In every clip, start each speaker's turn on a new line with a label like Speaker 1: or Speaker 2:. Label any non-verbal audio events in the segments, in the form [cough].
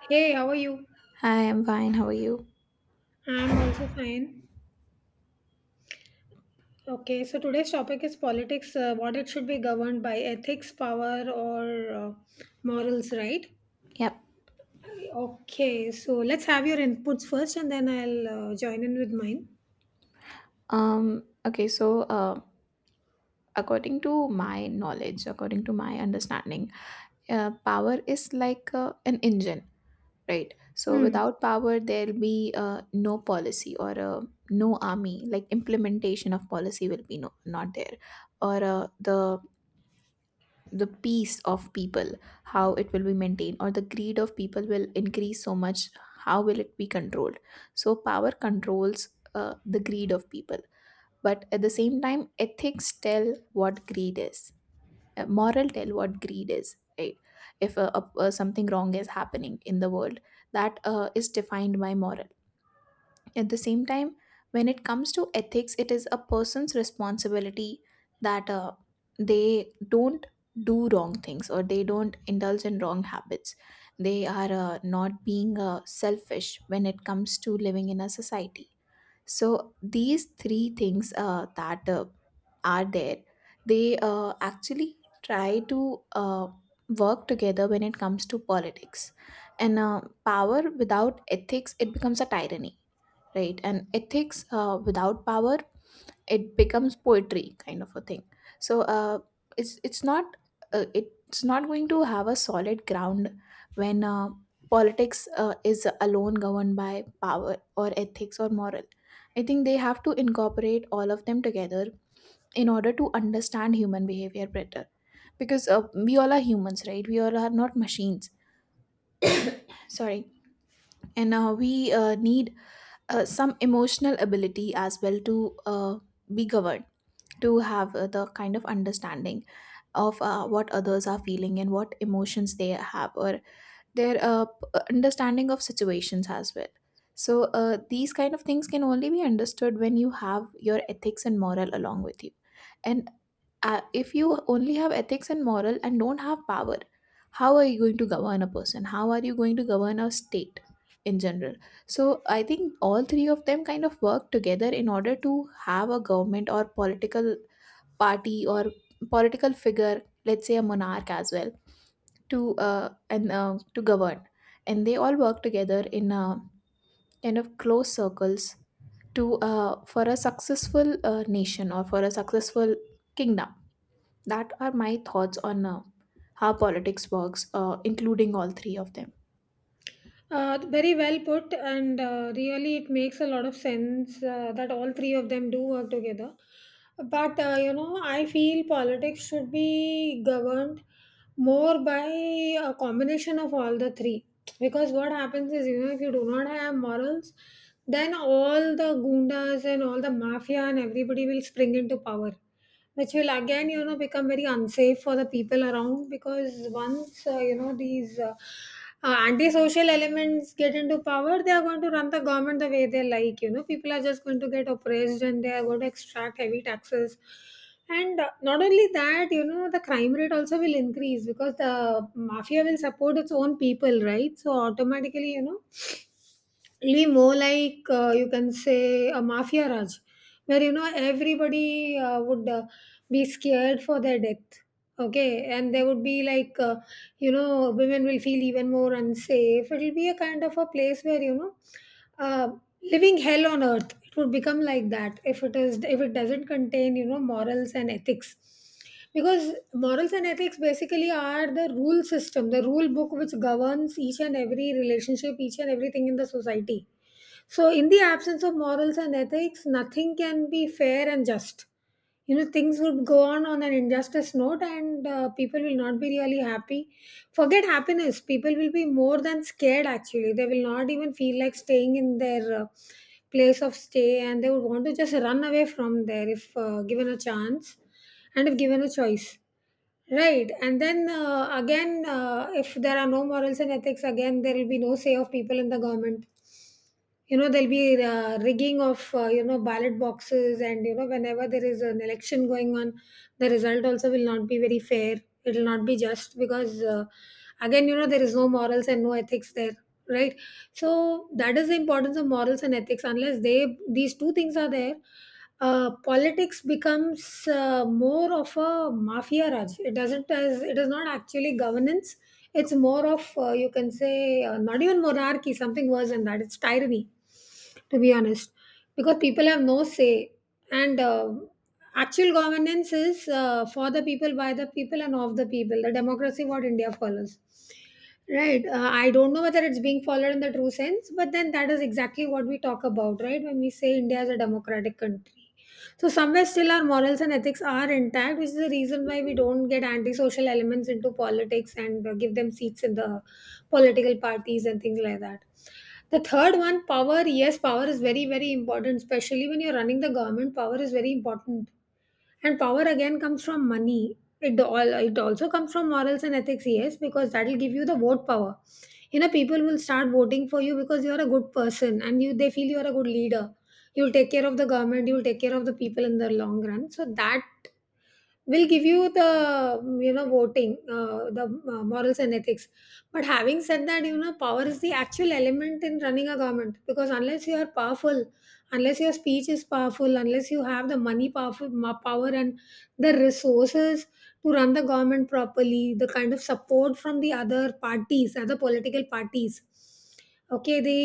Speaker 1: Hey, how are you?
Speaker 2: Hi, I'm fine. How are you?
Speaker 1: I'm also fine. Okay, so today's topic is politics, what it should be governed by ethics, power, or uh, morals, right?
Speaker 2: Yep.
Speaker 1: Okay, so let's have your inputs first and then I'll join in with mine.
Speaker 2: Okay, so according to my knowledge, according to my understanding, power is like an engine, right? So
Speaker 1: Hmm.
Speaker 2: without power, there'll be no policy or no army. Like implementation of policy will be no, not there, or the peace of people, how it will be maintained, or the greed of people will increase so much, how will it be controlled? So power controls the greed of people, but at the same time ethics tell what greed is. Moral tell what greed is, right? If something wrong is happening in the world, that is defined by moral. At the same time, when it comes to ethics, it is a person's responsibility that they don't do wrong things or they don't indulge in wrong habits. They are not being selfish when it comes to living in a society. So, these three things that are there, they actually try to work together when it comes to politics. And power without ethics, it becomes a tyranny, right? And ethics without power, it becomes poetry kind of a thing. So it's not it's not going to have a solid ground when politics is alone governed by power or ethics or moral. I think they have to incorporate all of them together in order to understand human behavior better, because we all are humans, right? We all are not machines, sorry. And we need some emotional ability as well to be governed, to have the kind of understanding of what others are feeling and what emotions they have, or their understanding of situations as well. So these kind of things can only be understood when you have your ethics and moral along with you. And if you only have ethics and moral and don't have power, how are you going to govern a person? How are you going to govern a state in general? So I think all three of them kind of work together in order to have a government or political party, or political figure, let's say a monarch as well, to and to govern. And they all work together in kind of close circles, to for a successful nation, or for a successful kingdom. That are my thoughts on how politics works, including all three of them.
Speaker 1: Very well put, and really it makes a lot of sense that all three of them do work together. But you know, I feel politics should be governed more by a combination of all the three. Because what happens is, you know, if you do not have morals, then all the gundas and all the mafia and everybody will spring into power, which will again, you know, become very unsafe for the people around, because once these antisocial elements get into power, they are going to run the government the way they like. You know, people are just going to get oppressed and they are going to extract heavy taxes. And not only that, you know, the crime rate also will increase because the mafia will support its own people, right? So automatically, you know, it'll be more like, you can say, a mafia raj, where, you know, everybody would be scared for their death. Okay, and there would be like, you know, women will feel even more unsafe. It'll be a kind of a place where, you know, uh, living hell on earth, it would become like that if it is, if it doesn't contain, you know, morals and ethics. Because morals and ethics basically are the rule system, the rule book, which governs each and every relationship, each and everything in the society. So, in the absence of morals and ethics, nothing can be fair and just. You know, things would go on an injustice note, and people will not be really happy. Forget happiness; people will be more than scared. Actually, they will not even feel like staying in their place of stay, and they would want to just run away from there if given a chance and if given a choice. Right, and then again, if there are no morals and ethics, again there will be no say of people in the government. You know, there'll be rigging of, you know, ballot boxes, and you know, whenever there is an election going on, the result also will not be very fair. It will not be just, because again, you know, there is no morals and no ethics there, right? So that is the importance of morals and ethics. Unless they these two things are there, politics becomes more of a mafia raj. It doesn't, as it is not actually governance. It's more of, you can say, not even monarchy, something worse than that. It's tyranny, to be honest, because people have no say. And actual governance is for the people, by the people, and of the people. The democracy what India follows. Right. I don't know whether it's being followed in the true sense, but then that is exactly what we talk about, right? When we say India is a democratic country. So somewhere still our morals and ethics are intact, which is the reason why we don't get antisocial elements into politics and give them seats in the political parties and things like that. The third one, power. Yes, power is very, very important, especially when you're running the government. Power is very important, and power again comes from money. It all, it also comes from morals and ethics, yes, because that will give you the vote power. You know, people will start voting for you because you are a good person, and you, they feel you are a good leader. You'll take care of the government, you'll take care of the people in the long run, so that will give you the you know, voting, the morals and ethics. But having said that, you know, power is the actual element in running a government, because unless you are powerful, unless your speech is powerful, unless you have the money, power and the resources to run the government properly, the kind of support from the other parties, other political parties, okay, the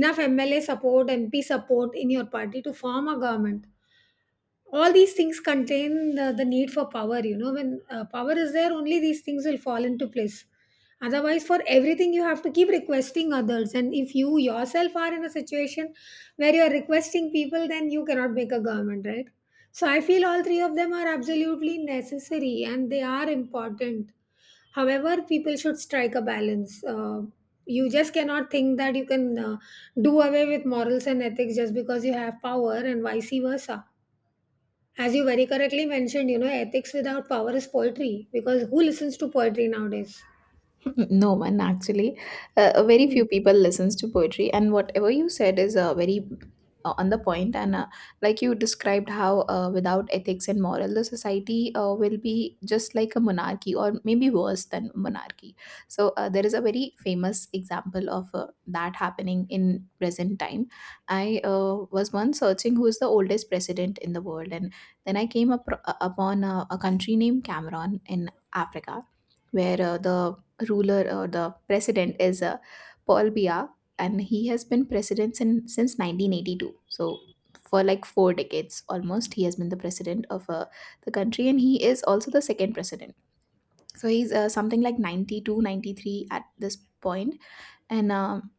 Speaker 1: enough mla support, mp support in your party to form a government, all these things contain the need for power. You know, when power is there, only these things will fall into place. Otherwise, for everything you have to keep requesting others, and if you yourself are in a situation where you are requesting people, then you cannot make a government, right? So I feel all three of them are absolutely necessary and they are important. However, people should strike a balance. You just cannot think that you can do away with morals and ethics just because you have power, and vice versa. As you very correctly mentioned, you know, ethics without power is poetry, because who listens to poetry nowadays?
Speaker 2: [laughs] No one actually. Very
Speaker 1: Hmm.
Speaker 2: few people listens to poetry, and whatever you said is very on the point. And like you described how without ethics and moral, the society will be just like a monarchy, or maybe worse than monarchy. So there is a very famous example of that happening in present time. I was once searching who is the oldest president in the world, and then I came up upon a country named Cameroon in Africa, where the ruler or the president is Paul Biya, and he has been president since 1982. So for like 4 decades almost, he has been the president of the country, and he is also the second president. So he's something like 92, 93 at this point, and um,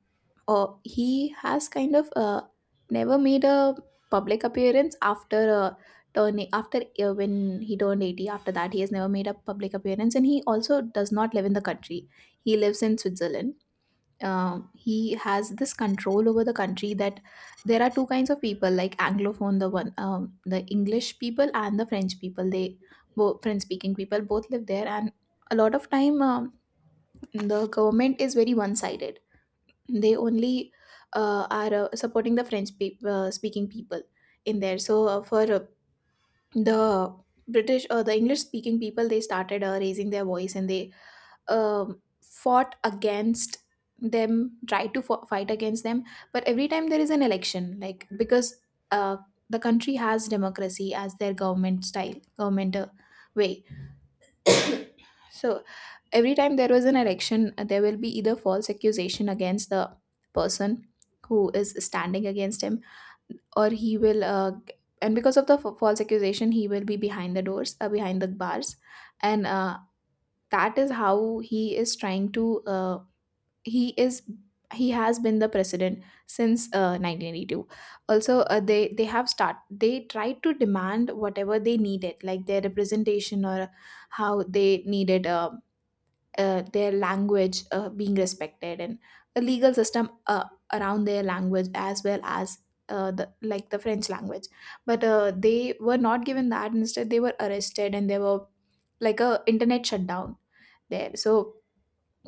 Speaker 2: uh, he has kind of never made a public appearance after turning after when he turned 80. After that he has never made a public appearance, and he also does not live in the country. He lives in Switzerland. He has this control over the country that there are two kinds of people, like Anglophone, the one, the English people and the French people. They both, French speaking people, both live there. And a lot of time, the government is very one sided. They only are supporting the French speaking people in there. So for the British or the English speaking people, they started raising their voice, and they fought against them, tried to fight against them. But every time there is an election, like because uh, the country has democracy as their government style government way. So every time there was an election, there will be either false accusation against the person who is standing against him, or he will g- and because of the false accusation he will be behind the doors, behind the bars. And uh, that is how he is trying to he is he has been the president since 1982. Also they have start they tried to demand whatever they needed, like their representation, or how they needed their language being respected, and a legal system around their language, as well as the like the French language. But they were not given that. Instead, they were arrested, and they were like a internet shutdown there. So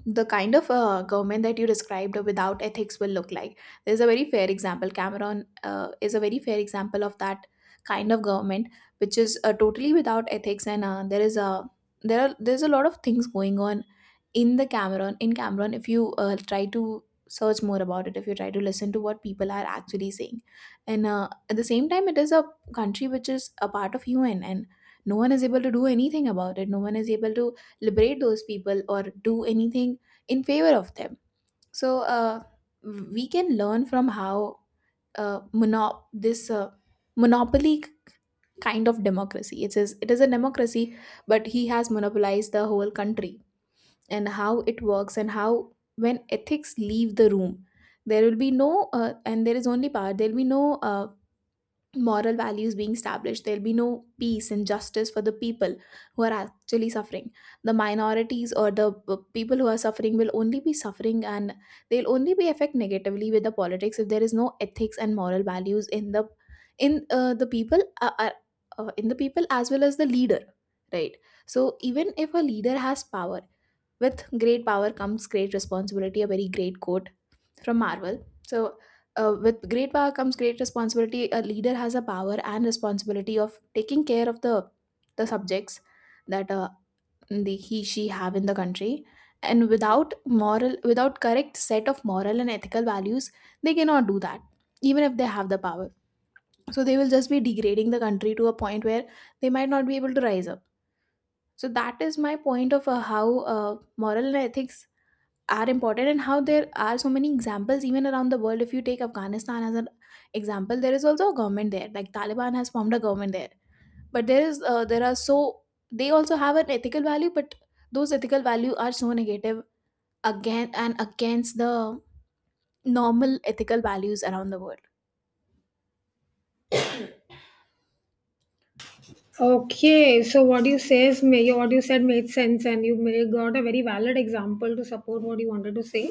Speaker 2: the kind of government that you described without ethics will look like. There's a very fair example. Cameron is a very fair example of that kind of government, which is totally without ethics. And uh, there is a there are there's a lot of things going on in the Cameron, if you try to search more about it, if you try to listen to what people are actually saying. And at the same time, it is a country which is a part of UN, and no one is able to do anything about it, no one is able to liberate those people, or do anything in favor of them. So we can learn from how this monopoly kind of democracy. It is, it is a democracy, but he has monopolized the whole country. And how it works, and how when ethics leave the room, there will be no and there is only power, there will be no moral values being established, there will be no peace and justice for the people who are actually suffering. The minorities or the people who are suffering will only be suffering, and they'll only be affected negatively with the politics if there is no ethics and moral values in the in uh, the people uh, uh, in the people as well as the leader, right? So even if a leader has power, with great power comes great responsibility, a very great quote from Marvel. So with great power comes great responsibility, a leader has a power and responsibility of taking care of the subjects that the he, she have in the country. And without moral, without correct set of moral and ethical values, they cannot do that, even if they have the power. So they will just be degrading the country to a point where they might not be able to rise up. So that is my point of how uh, moral and ethics are important, and how there are so many examples even around the world. If you take Afghanistan as an example, there is also a government there, like Taliban has formed a government there. But there is there are so they also have an ethical value, but those ethical value are so negative, again and against the normal ethical values around the world.
Speaker 1: Okay, so what you say is, may what you said made sense, and you may got a very valid example to support what you wanted to say.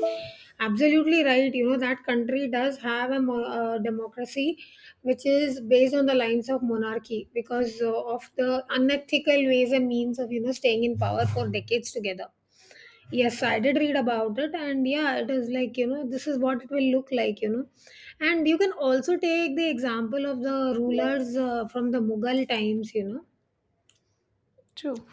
Speaker 1: Absolutely right. You know that country does have a, a democracy, which is based on the lines of monarchy because of the unethical ways and means of, you know, staying in power for decades together. Yes, I did read about it, and yeah, it is like, you know, this is what it will look like, you know. And you can also take the example of the rulers from the Mughal times, you know.
Speaker 2: True.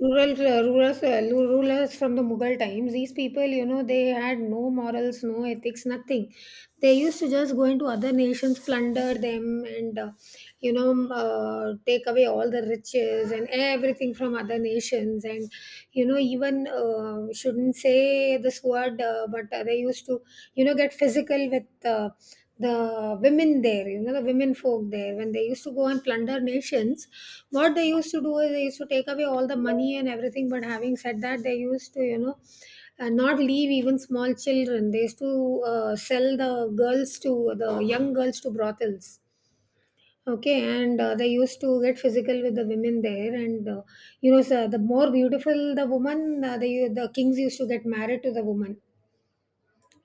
Speaker 1: Rulers from the Mughal times, these people, you know, they had no morals, no ethics, nothing. They used to just go into other nations, plunder them, and, you know, take away all the riches and everything from other nations. And, you know, even, shouldn't say this word, but they used to, you know, get physical with. The women there, you know, the women folk there, when they used to go and plunder nations, what they used to do is they used to take away all the money and everything. But having said that, they used to, you know, not leave even small children. They used to sell the young girls to brothels. Okay, and they used to get physical with the women there, and you know, so the more beautiful the woman, the kings used to get married to the woman.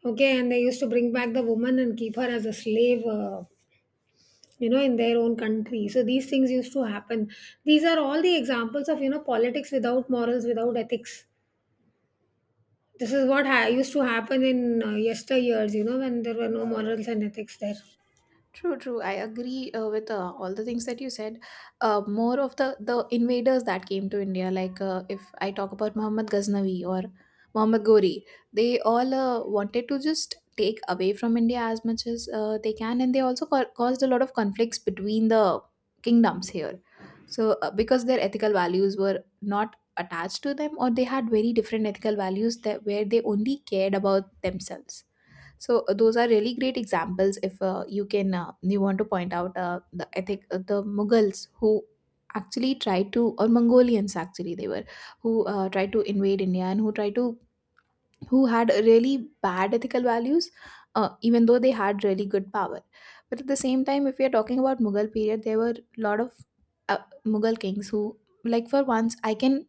Speaker 1: Okay, and they used to bring back the woman and keep her as a slave, you know, in their own country. So these things used to happen. These are all the examples of, you know, politics without morals, without ethics. This is what used to happen in yesteryears, you know, when there were no morals and ethics there.
Speaker 2: True, true. I agree with all the things that you said. More of the invaders that came to India, like if I talk about Muhammad Ghaznavi or Muhammad Gori, they all wanted to just take away from India as much as they can, and they also caused a lot of conflicts between the kingdoms here. So because their ethical values were not attached to them, or they had very different ethical values, that where they only cared about themselves. So those are really great examples. If you want to point out the Mughals, who actually tried to, or Mongolians actually, they were, who tried to invade India, and who tried to, who had really bad ethical values, even though they had really good power. But at the same time, if we are talking about Mughal period, there were a lot of uh, Mughal kings who, like for once, I can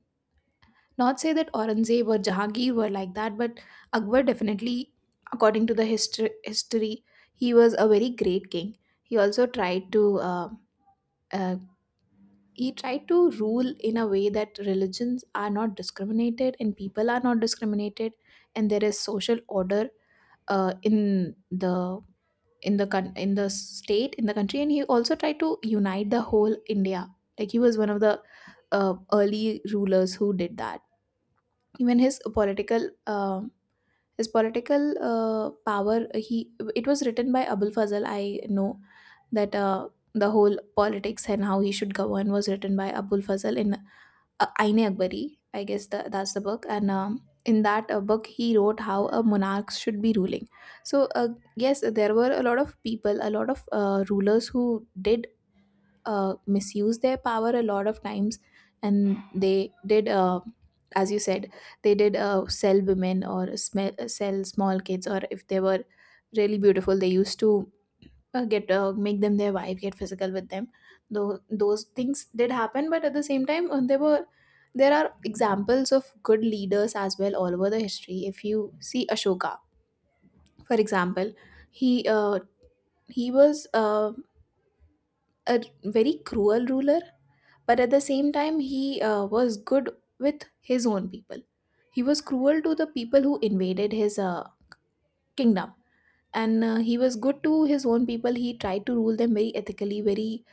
Speaker 2: not say that Aurangzeb or Jahangir were like that, but Akbar definitely, according to the history, he was a very great king. He also tried to uh, he tried to rule in a way that religions are not discriminated and people are not discriminated, and there is social order in the in the state in the country, and he also tried to unite the whole India. Like, he was one of the early rulers who did that. Even his political power, he it was written by Abul Fazl, I know, that the whole politics and how he should govern was written by Abul Fazl in Aine Akbari, I guess that's the book. And in that book he wrote how a monarch should be ruling. So yes, there were a lot of people, a lot of rulers who did misuse their power a lot of times. And they did, as you said, they did sell women or sell small kids, or if they were really beautiful they used to get make them their wife, get physical with them. Though those things did happen, but at the same time there are examples of good leaders as well all over the history. If you see Ashoka, for example, he uh, he was a very cruel ruler, but at the same time, he was good with his own people. He was cruel to the people who invaded his kingdom, and he was good to his own people. He tried to rule them very ethically, very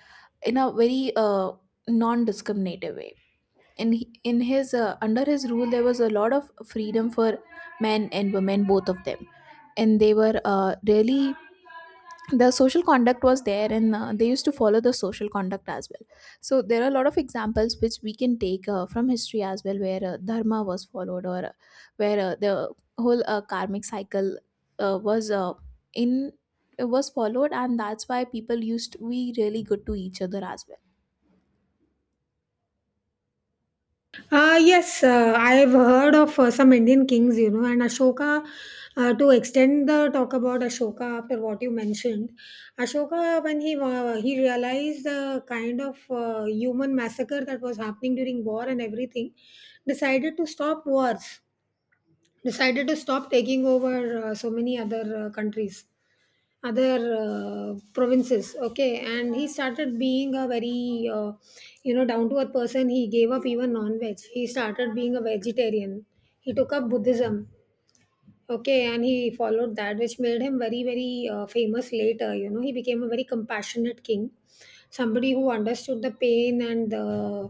Speaker 2: in a very non-discriminative way. In his under his rule, there was a lot of freedom for men and women, both of them, and they were really the social conduct was there and they used to follow the social conduct as well. So there are a lot of examples which we can take from history as well where dharma was followed, or where the whole karmic cycle uh, was uh, in was followed, and that's why people used to be really good to each other as well.
Speaker 1: Yes, I've heard of some Indian kings, you know, and Ashoka. To extend the talk about Ashoka after what you mentioned, Ashoka, when he he realized the kind of human massacre that was happening during war and everything, decided to stop wars, decided to stop taking over so many other countries, other provinces, okay, and he started being a very you know, down to earth person. He gave up even non veg, he started being a vegetarian, he took up Buddhism. Okay, and he followed that, which made him very, very famous later. You know, he became a very compassionate king, somebody who understood the pain and the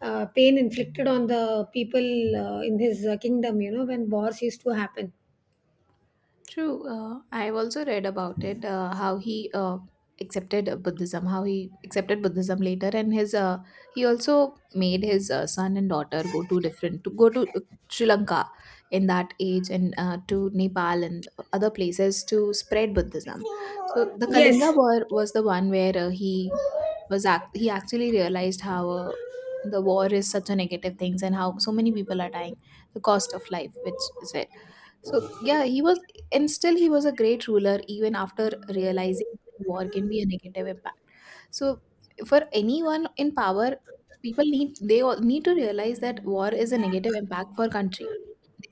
Speaker 1: pain inflicted on the people in his kingdom, you know, when wars used to happen.
Speaker 2: True. I've also read about it, how he accepted Buddhism, how he accepted Buddhism later, and his he also made his son and daughter go to different to go to Sri Lanka in that age and to Nepal and other places to spread Buddhism. So the
Speaker 1: Yes,
Speaker 2: Kalinga War was the one where he he actually realized how. The war is such a negative things and how so many people are dying, the cost of life which is it. So yeah, he was, and still, he was a great ruler even after realizing war can be a negative impact. So, for anyone in power, people need they all need to realize that war is a negative impact for country.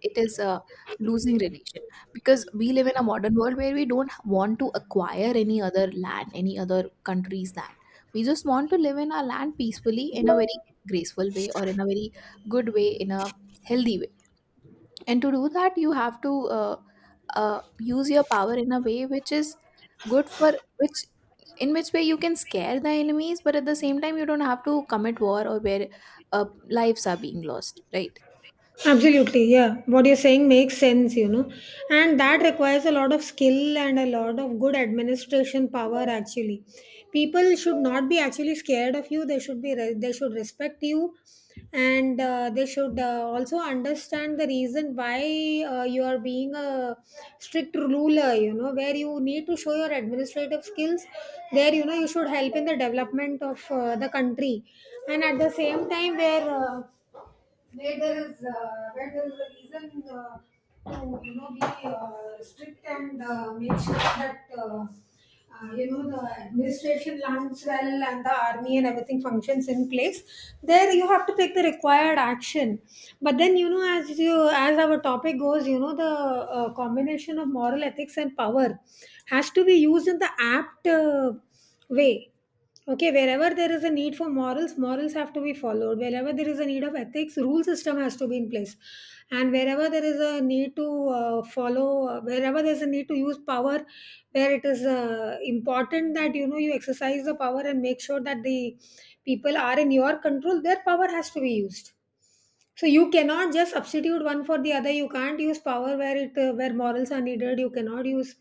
Speaker 2: It is a losing relation, because we live in a modern world where we don't want to acquire any other land, any other country's land. We just want to live in our land peacefully, in a very graceful way, or in a very good way, in a healthy way. And to do that, you have to uh, use your power in a way which is good for, which, in which way you can scare the enemies but at the same time you don't have to commit war or where uh, lives are being lost, right?
Speaker 1: absolutely. Yeah, what you're saying makes sense, you know, and that requires a lot of skill and a lot of good administration power. Actually, people should not be actually scared of you. They should be. They should respect you, and they should also understand the reason why you are being a strict ruler. You know, where you need to show your administrative skills. There, you know, you should help in the development of the country, and at the same time, where. Where there is, where there is a reason to, you know, be strict and make sure that you know, the administration runs well and the army and everything functions in place. There you have to take the required action. But then, you know, as our topic goes, you know, the combination of moral, ethics and power has to be used in the apt way. Okay, wherever there is a need for morals, morals have to be followed. Wherever there is a need of ethics, rule system has to be in place. And wherever there is a need to wherever there is a need to use power, where it is important that you know you exercise the power and make sure that the people are in your control, their power has to be used. So you cannot just substitute one for the other. You can't use power where it where morals are needed. You cannot use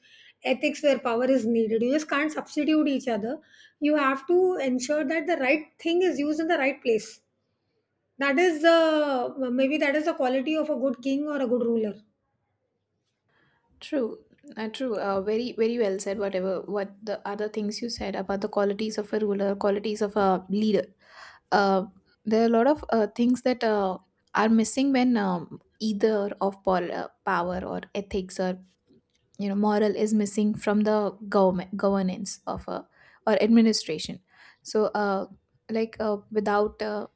Speaker 1: ethics where power is needed. You just can't substitute each other. You have to ensure that the right thing is used in the right place. That is the maybe that is the quality of a good king or a good ruler.
Speaker 2: True. True. Very, very well said, whatever what the other things you said about the qualities of a ruler, qualities of a leader. uh, there are a lot of things that are missing when either of power or ethics or, you know, moral is missing from the government, governance of a, or administration. So like without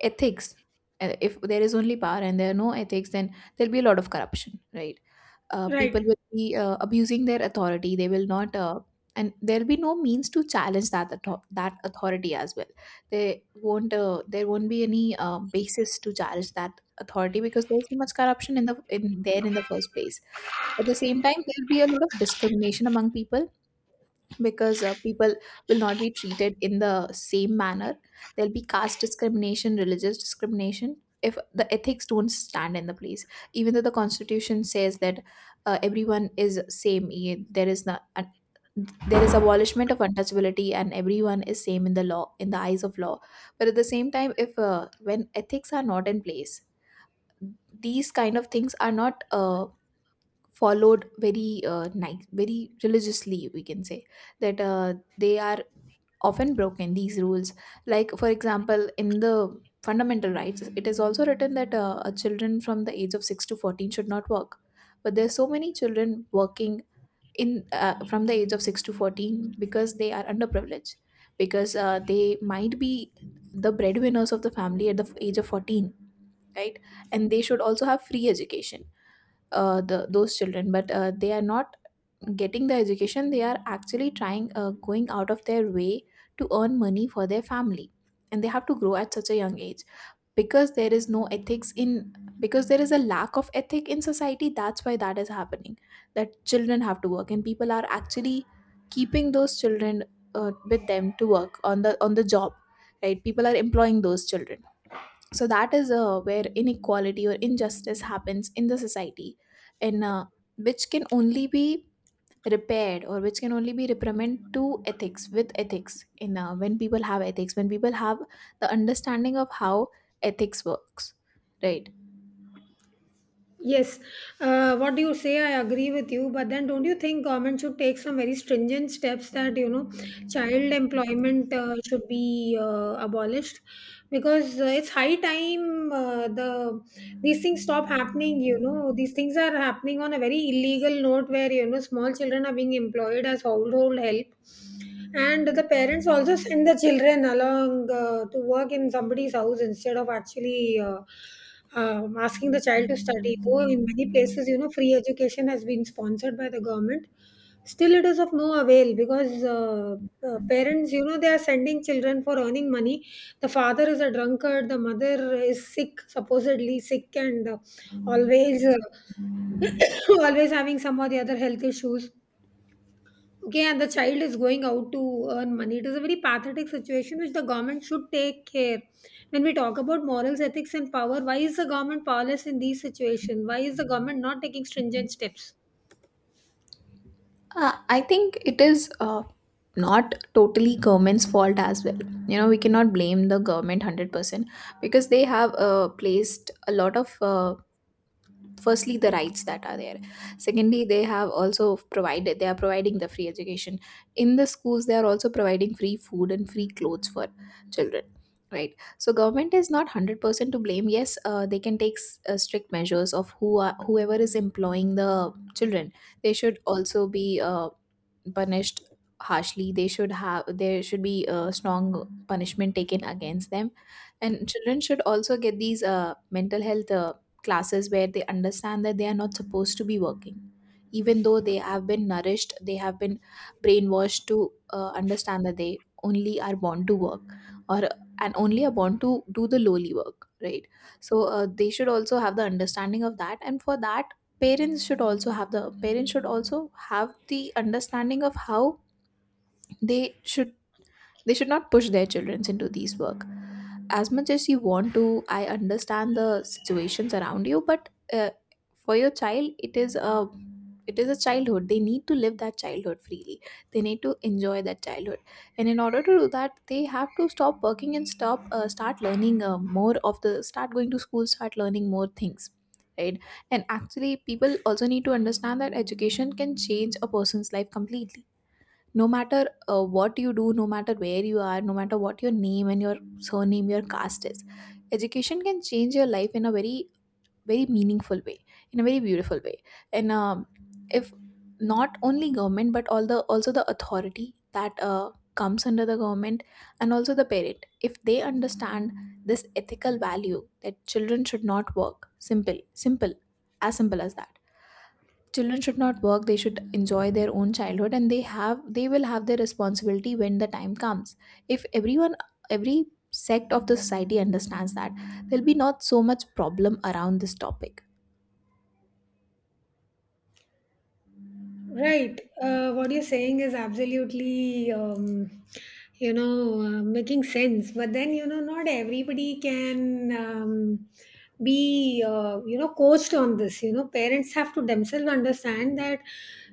Speaker 2: ethics, if there is only power and there are no ethics, then there'll be a lot of corruption, right? People
Speaker 1: Right.
Speaker 2: will be abusing their authority, they will not and there'll be no means to challenge that that authority as well. They won't there won't be any basis to challenge that authority, because there's so much corruption in the in the first place. At the same time, there'll be a lot of discrimination among people, because people will not be treated in the same manner. There'll be caste discrimination, religious discrimination. If the ethics don't stand in the place, even though the constitution says that everyone is same, there is not an, there is abolishment of untouchability and everyone is same in the law, in the eyes of law. But at the same time, if when ethics are not in place, these kind of things are not followed very nice, very religiously, we can say that they are often broken, these rules. Like, for example, in the fundamental rights it is also written that children from the age of 6 to 14 should not work, but there are so many children working in from the age of 6 to 14, because they are underprivileged, because they might be the breadwinners of the family at the age of 14, right? And they should also have free education, the those children, but they are not getting the education, they are actually trying going out of their way to earn money for their family, and they have to grow at such a young age. Because there is no ethics in, because there is a lack of ethic in society, that's why that is happening, that children have to work, and people are actually keeping those children with them to work on the job, right? People are employing those children. So that is where inequality or injustice happens in the society, and which can only be repaired, or which can only be reprimanded to ethics, with ethics in when people have ethics, when people have the understanding of how ethics works, right?
Speaker 1: Yes, what do you say? I agree with you, but then don't you think government should take some very stringent steps that you know child employment should be abolished because it's high time the these things stop happening. You know, these things are happening on a very illegal note where you know small children are being employed as household help, and the parents also send the children along to work in somebody's house instead of actually asking the child to study. Though in many places, you know, free education has been sponsored by the government, still it is of no avail because parents, you know, they are sending children for earning money. The father is a drunkard, the mother is sick, supposedly sick, and always. [coughs] Always having some or the other health issues, okay, and the child is going out to earn money. It is a very pathetic situation which the government should take care. When we talk about morals, ethics and power, why is the government powerless in these situations? Why is the government not taking stringent steps?
Speaker 2: I think it is not totally government's fault as well. You know, we cannot blame the government 100%, because they have placed a lot of firstly, the rights that are there. Secondly, they have also provided, they are providing the free education in the schools. They are also providing free food and free clothes for children, right? So government is not 100% to blame. Yes, they can take strict measures of who are, whoever is employing the children, they should also be punished harshly. They should have, there should be a strong punishment taken against them. And children should also get these mental health classes where they understand that they are not supposed to be working, even though they have been nourished, they have been brainwashed to understand that they only are born to work, or and only are born to do the lowly work, right? So they should also have the understanding of that, and for that parents should also have the understanding of how they should they should not push their children into these work. As much as you want to, I understand the situations around you, but for your child, it is a, it is a childhood. They need to live that childhood freely, they need to enjoy that childhood. And in order to do that, they have to stop working and stop start learning more of the, start going to school, start learning more things, right? And actually, people also need to understand that education can change a person's life completely. No matter what you do, no matter where you are, no matter what your name and your surname, your caste is, education can change your life in a very, very meaningful way, in a very beautiful way. And if not only government but all the, also the authority that comes under the government, and also the parent, if they understand this ethical value that children should not work, simple, simple, as simple as that. Children should not work, they should enjoy their own childhood, and they will have their responsibility when the time comes. If everyone, every sect of the society understands that, there'll be not so much problem around this topic.
Speaker 1: Right. What you're saying is absolutely, you know, making sense. But then, you know, not everybody can be, you know, coached on this. You know, parents have to themselves understand that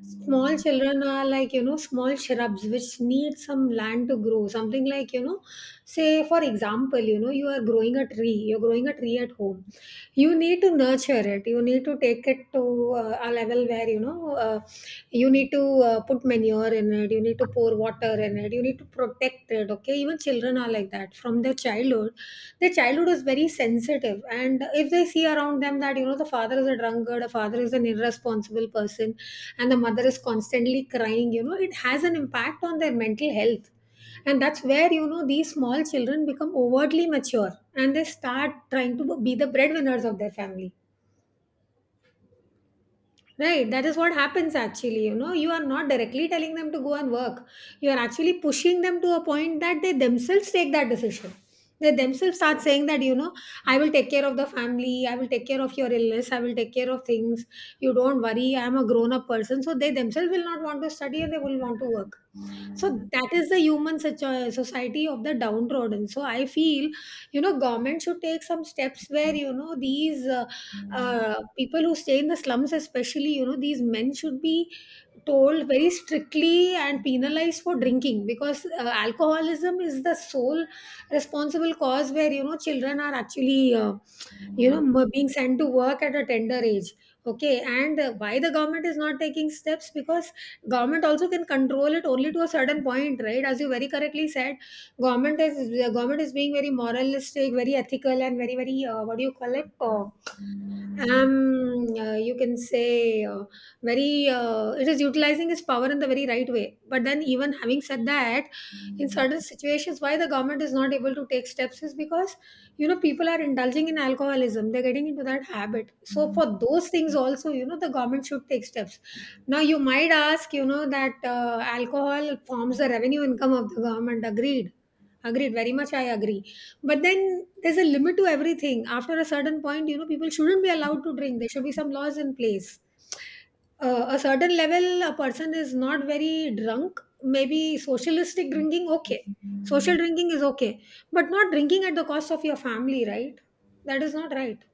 Speaker 1: small children are like, you know, small shrubs which need some land to grow. Something like, you know, say, for example, you know, you are growing a tree, you're growing a tree at home. You need to nurture it, you need to take it to a level where you know you need to put manure in it, you need to pour water in it, you need to protect it, okay. Even children are like that. From their childhood, their childhood is very sensitive, and if they see around them that you know the father is a drunkard, a father is an irresponsible person, and the mother is constantly crying, you know it has an impact on their mental health. And that's where you know these small children become overtly mature and they start trying to be the breadwinners of their family. Right, that is what happens actually. You know, you are not directly telling them to go and work. You are actually pushing them to a point that they themselves take that decision. They themselves start saying that, you know, I will take care of the family, I will take care of your illness, I will take care of things. You don't worry, I'm a grown up person. So they themselves will not want to study and they will want to work. So that is the human such society of the downtrodden. So I feel, you know, government should take some steps where, you know, these. People who stay in the slums especially, you know, these men should be told very strictly and penalized for drinking, because alcoholism is the sole responsible cause where you know children are actually you know being sent to work at a tender age, okay. And why the government is not taking steps, because government also can control it only to a certain point, right? As you very correctly said, government is the government is being very moralistic, very ethical, and very very what do you call it, you can say, very it is utilizing its power in the very right way. But then, even having said that, in certain situations why the government is not able to take steps is because you know people are indulging in alcoholism, they're getting into that habit. So for those things also, you know, the government should take steps. Now you might ask, you know, that alcohol forms the revenue income of the government. Agreed, agreed very much, I agree. But then there's a limit to everything. After a certain point, you know, people shouldn't be allowed to drink. There should be some laws in place. A certain level, a person is not very drunk. Maybe socialistic drinking, okay. Social drinking is okay. But not drinking at the cost of your family, right? That is not right.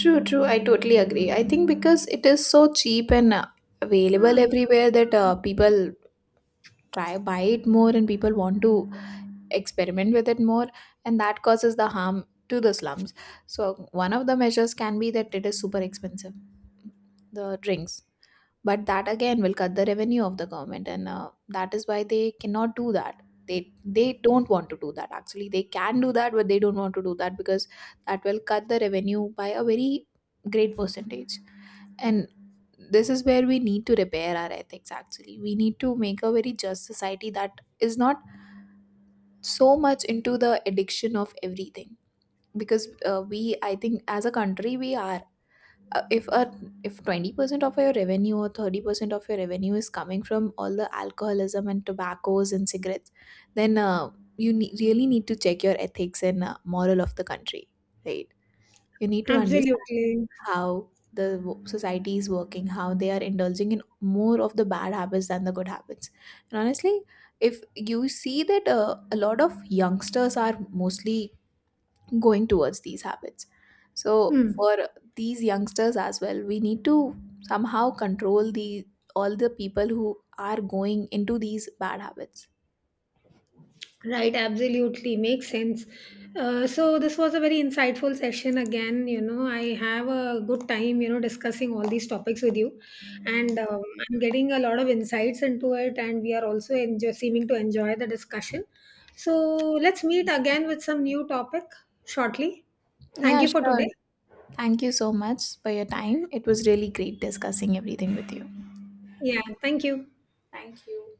Speaker 2: True, true, I totally agree. I think because it is so cheap and available
Speaker 1: Hmm.
Speaker 2: everywhere that people try, buy it more, and people want to experiment with it more, and that causes the harm to the slums. So one of the measures can be that it is super expensive, the drinks. But that again will cut the revenue of the government, and that is why they cannot do that, they don't want to do that. Actually they can do that, but they don't want to do that, because that will cut the revenue by a very great percentage. And this is where we need to repair our ethics. Actually, we need to make a very just society that is not so much into the addiction of everything. Because we I think as a country we are if a, if 20% of your revenue or 30% of your revenue is coming from all the alcoholism and tobaccos and cigarettes, then you really need to check your ethics and moral of the country, right? You need to understand
Speaker 1: Absolutely.
Speaker 2: how the society is working, how they are indulging in more of the bad habits than the good habits. And honestly, if you see that a lot of youngsters are mostly going towards these habits. So
Speaker 1: Hmm.
Speaker 2: for these youngsters as well, we need to somehow control the, all the people who are going into these bad habits.
Speaker 1: Right, absolutely. Makes sense. So this was a very insightful session again. You know, I have a good time, you know, discussing all these topics with you, and I'm getting a lot of insights into it, and we are also seeming to enjoy the discussion. So let's meet again with some new topic shortly. Thank
Speaker 2: Yeah,
Speaker 1: you for
Speaker 2: sure.
Speaker 1: today.
Speaker 2: Thank you so much for your time. It was really great discussing everything with you.
Speaker 1: Yeah, thank you.
Speaker 2: Thank you.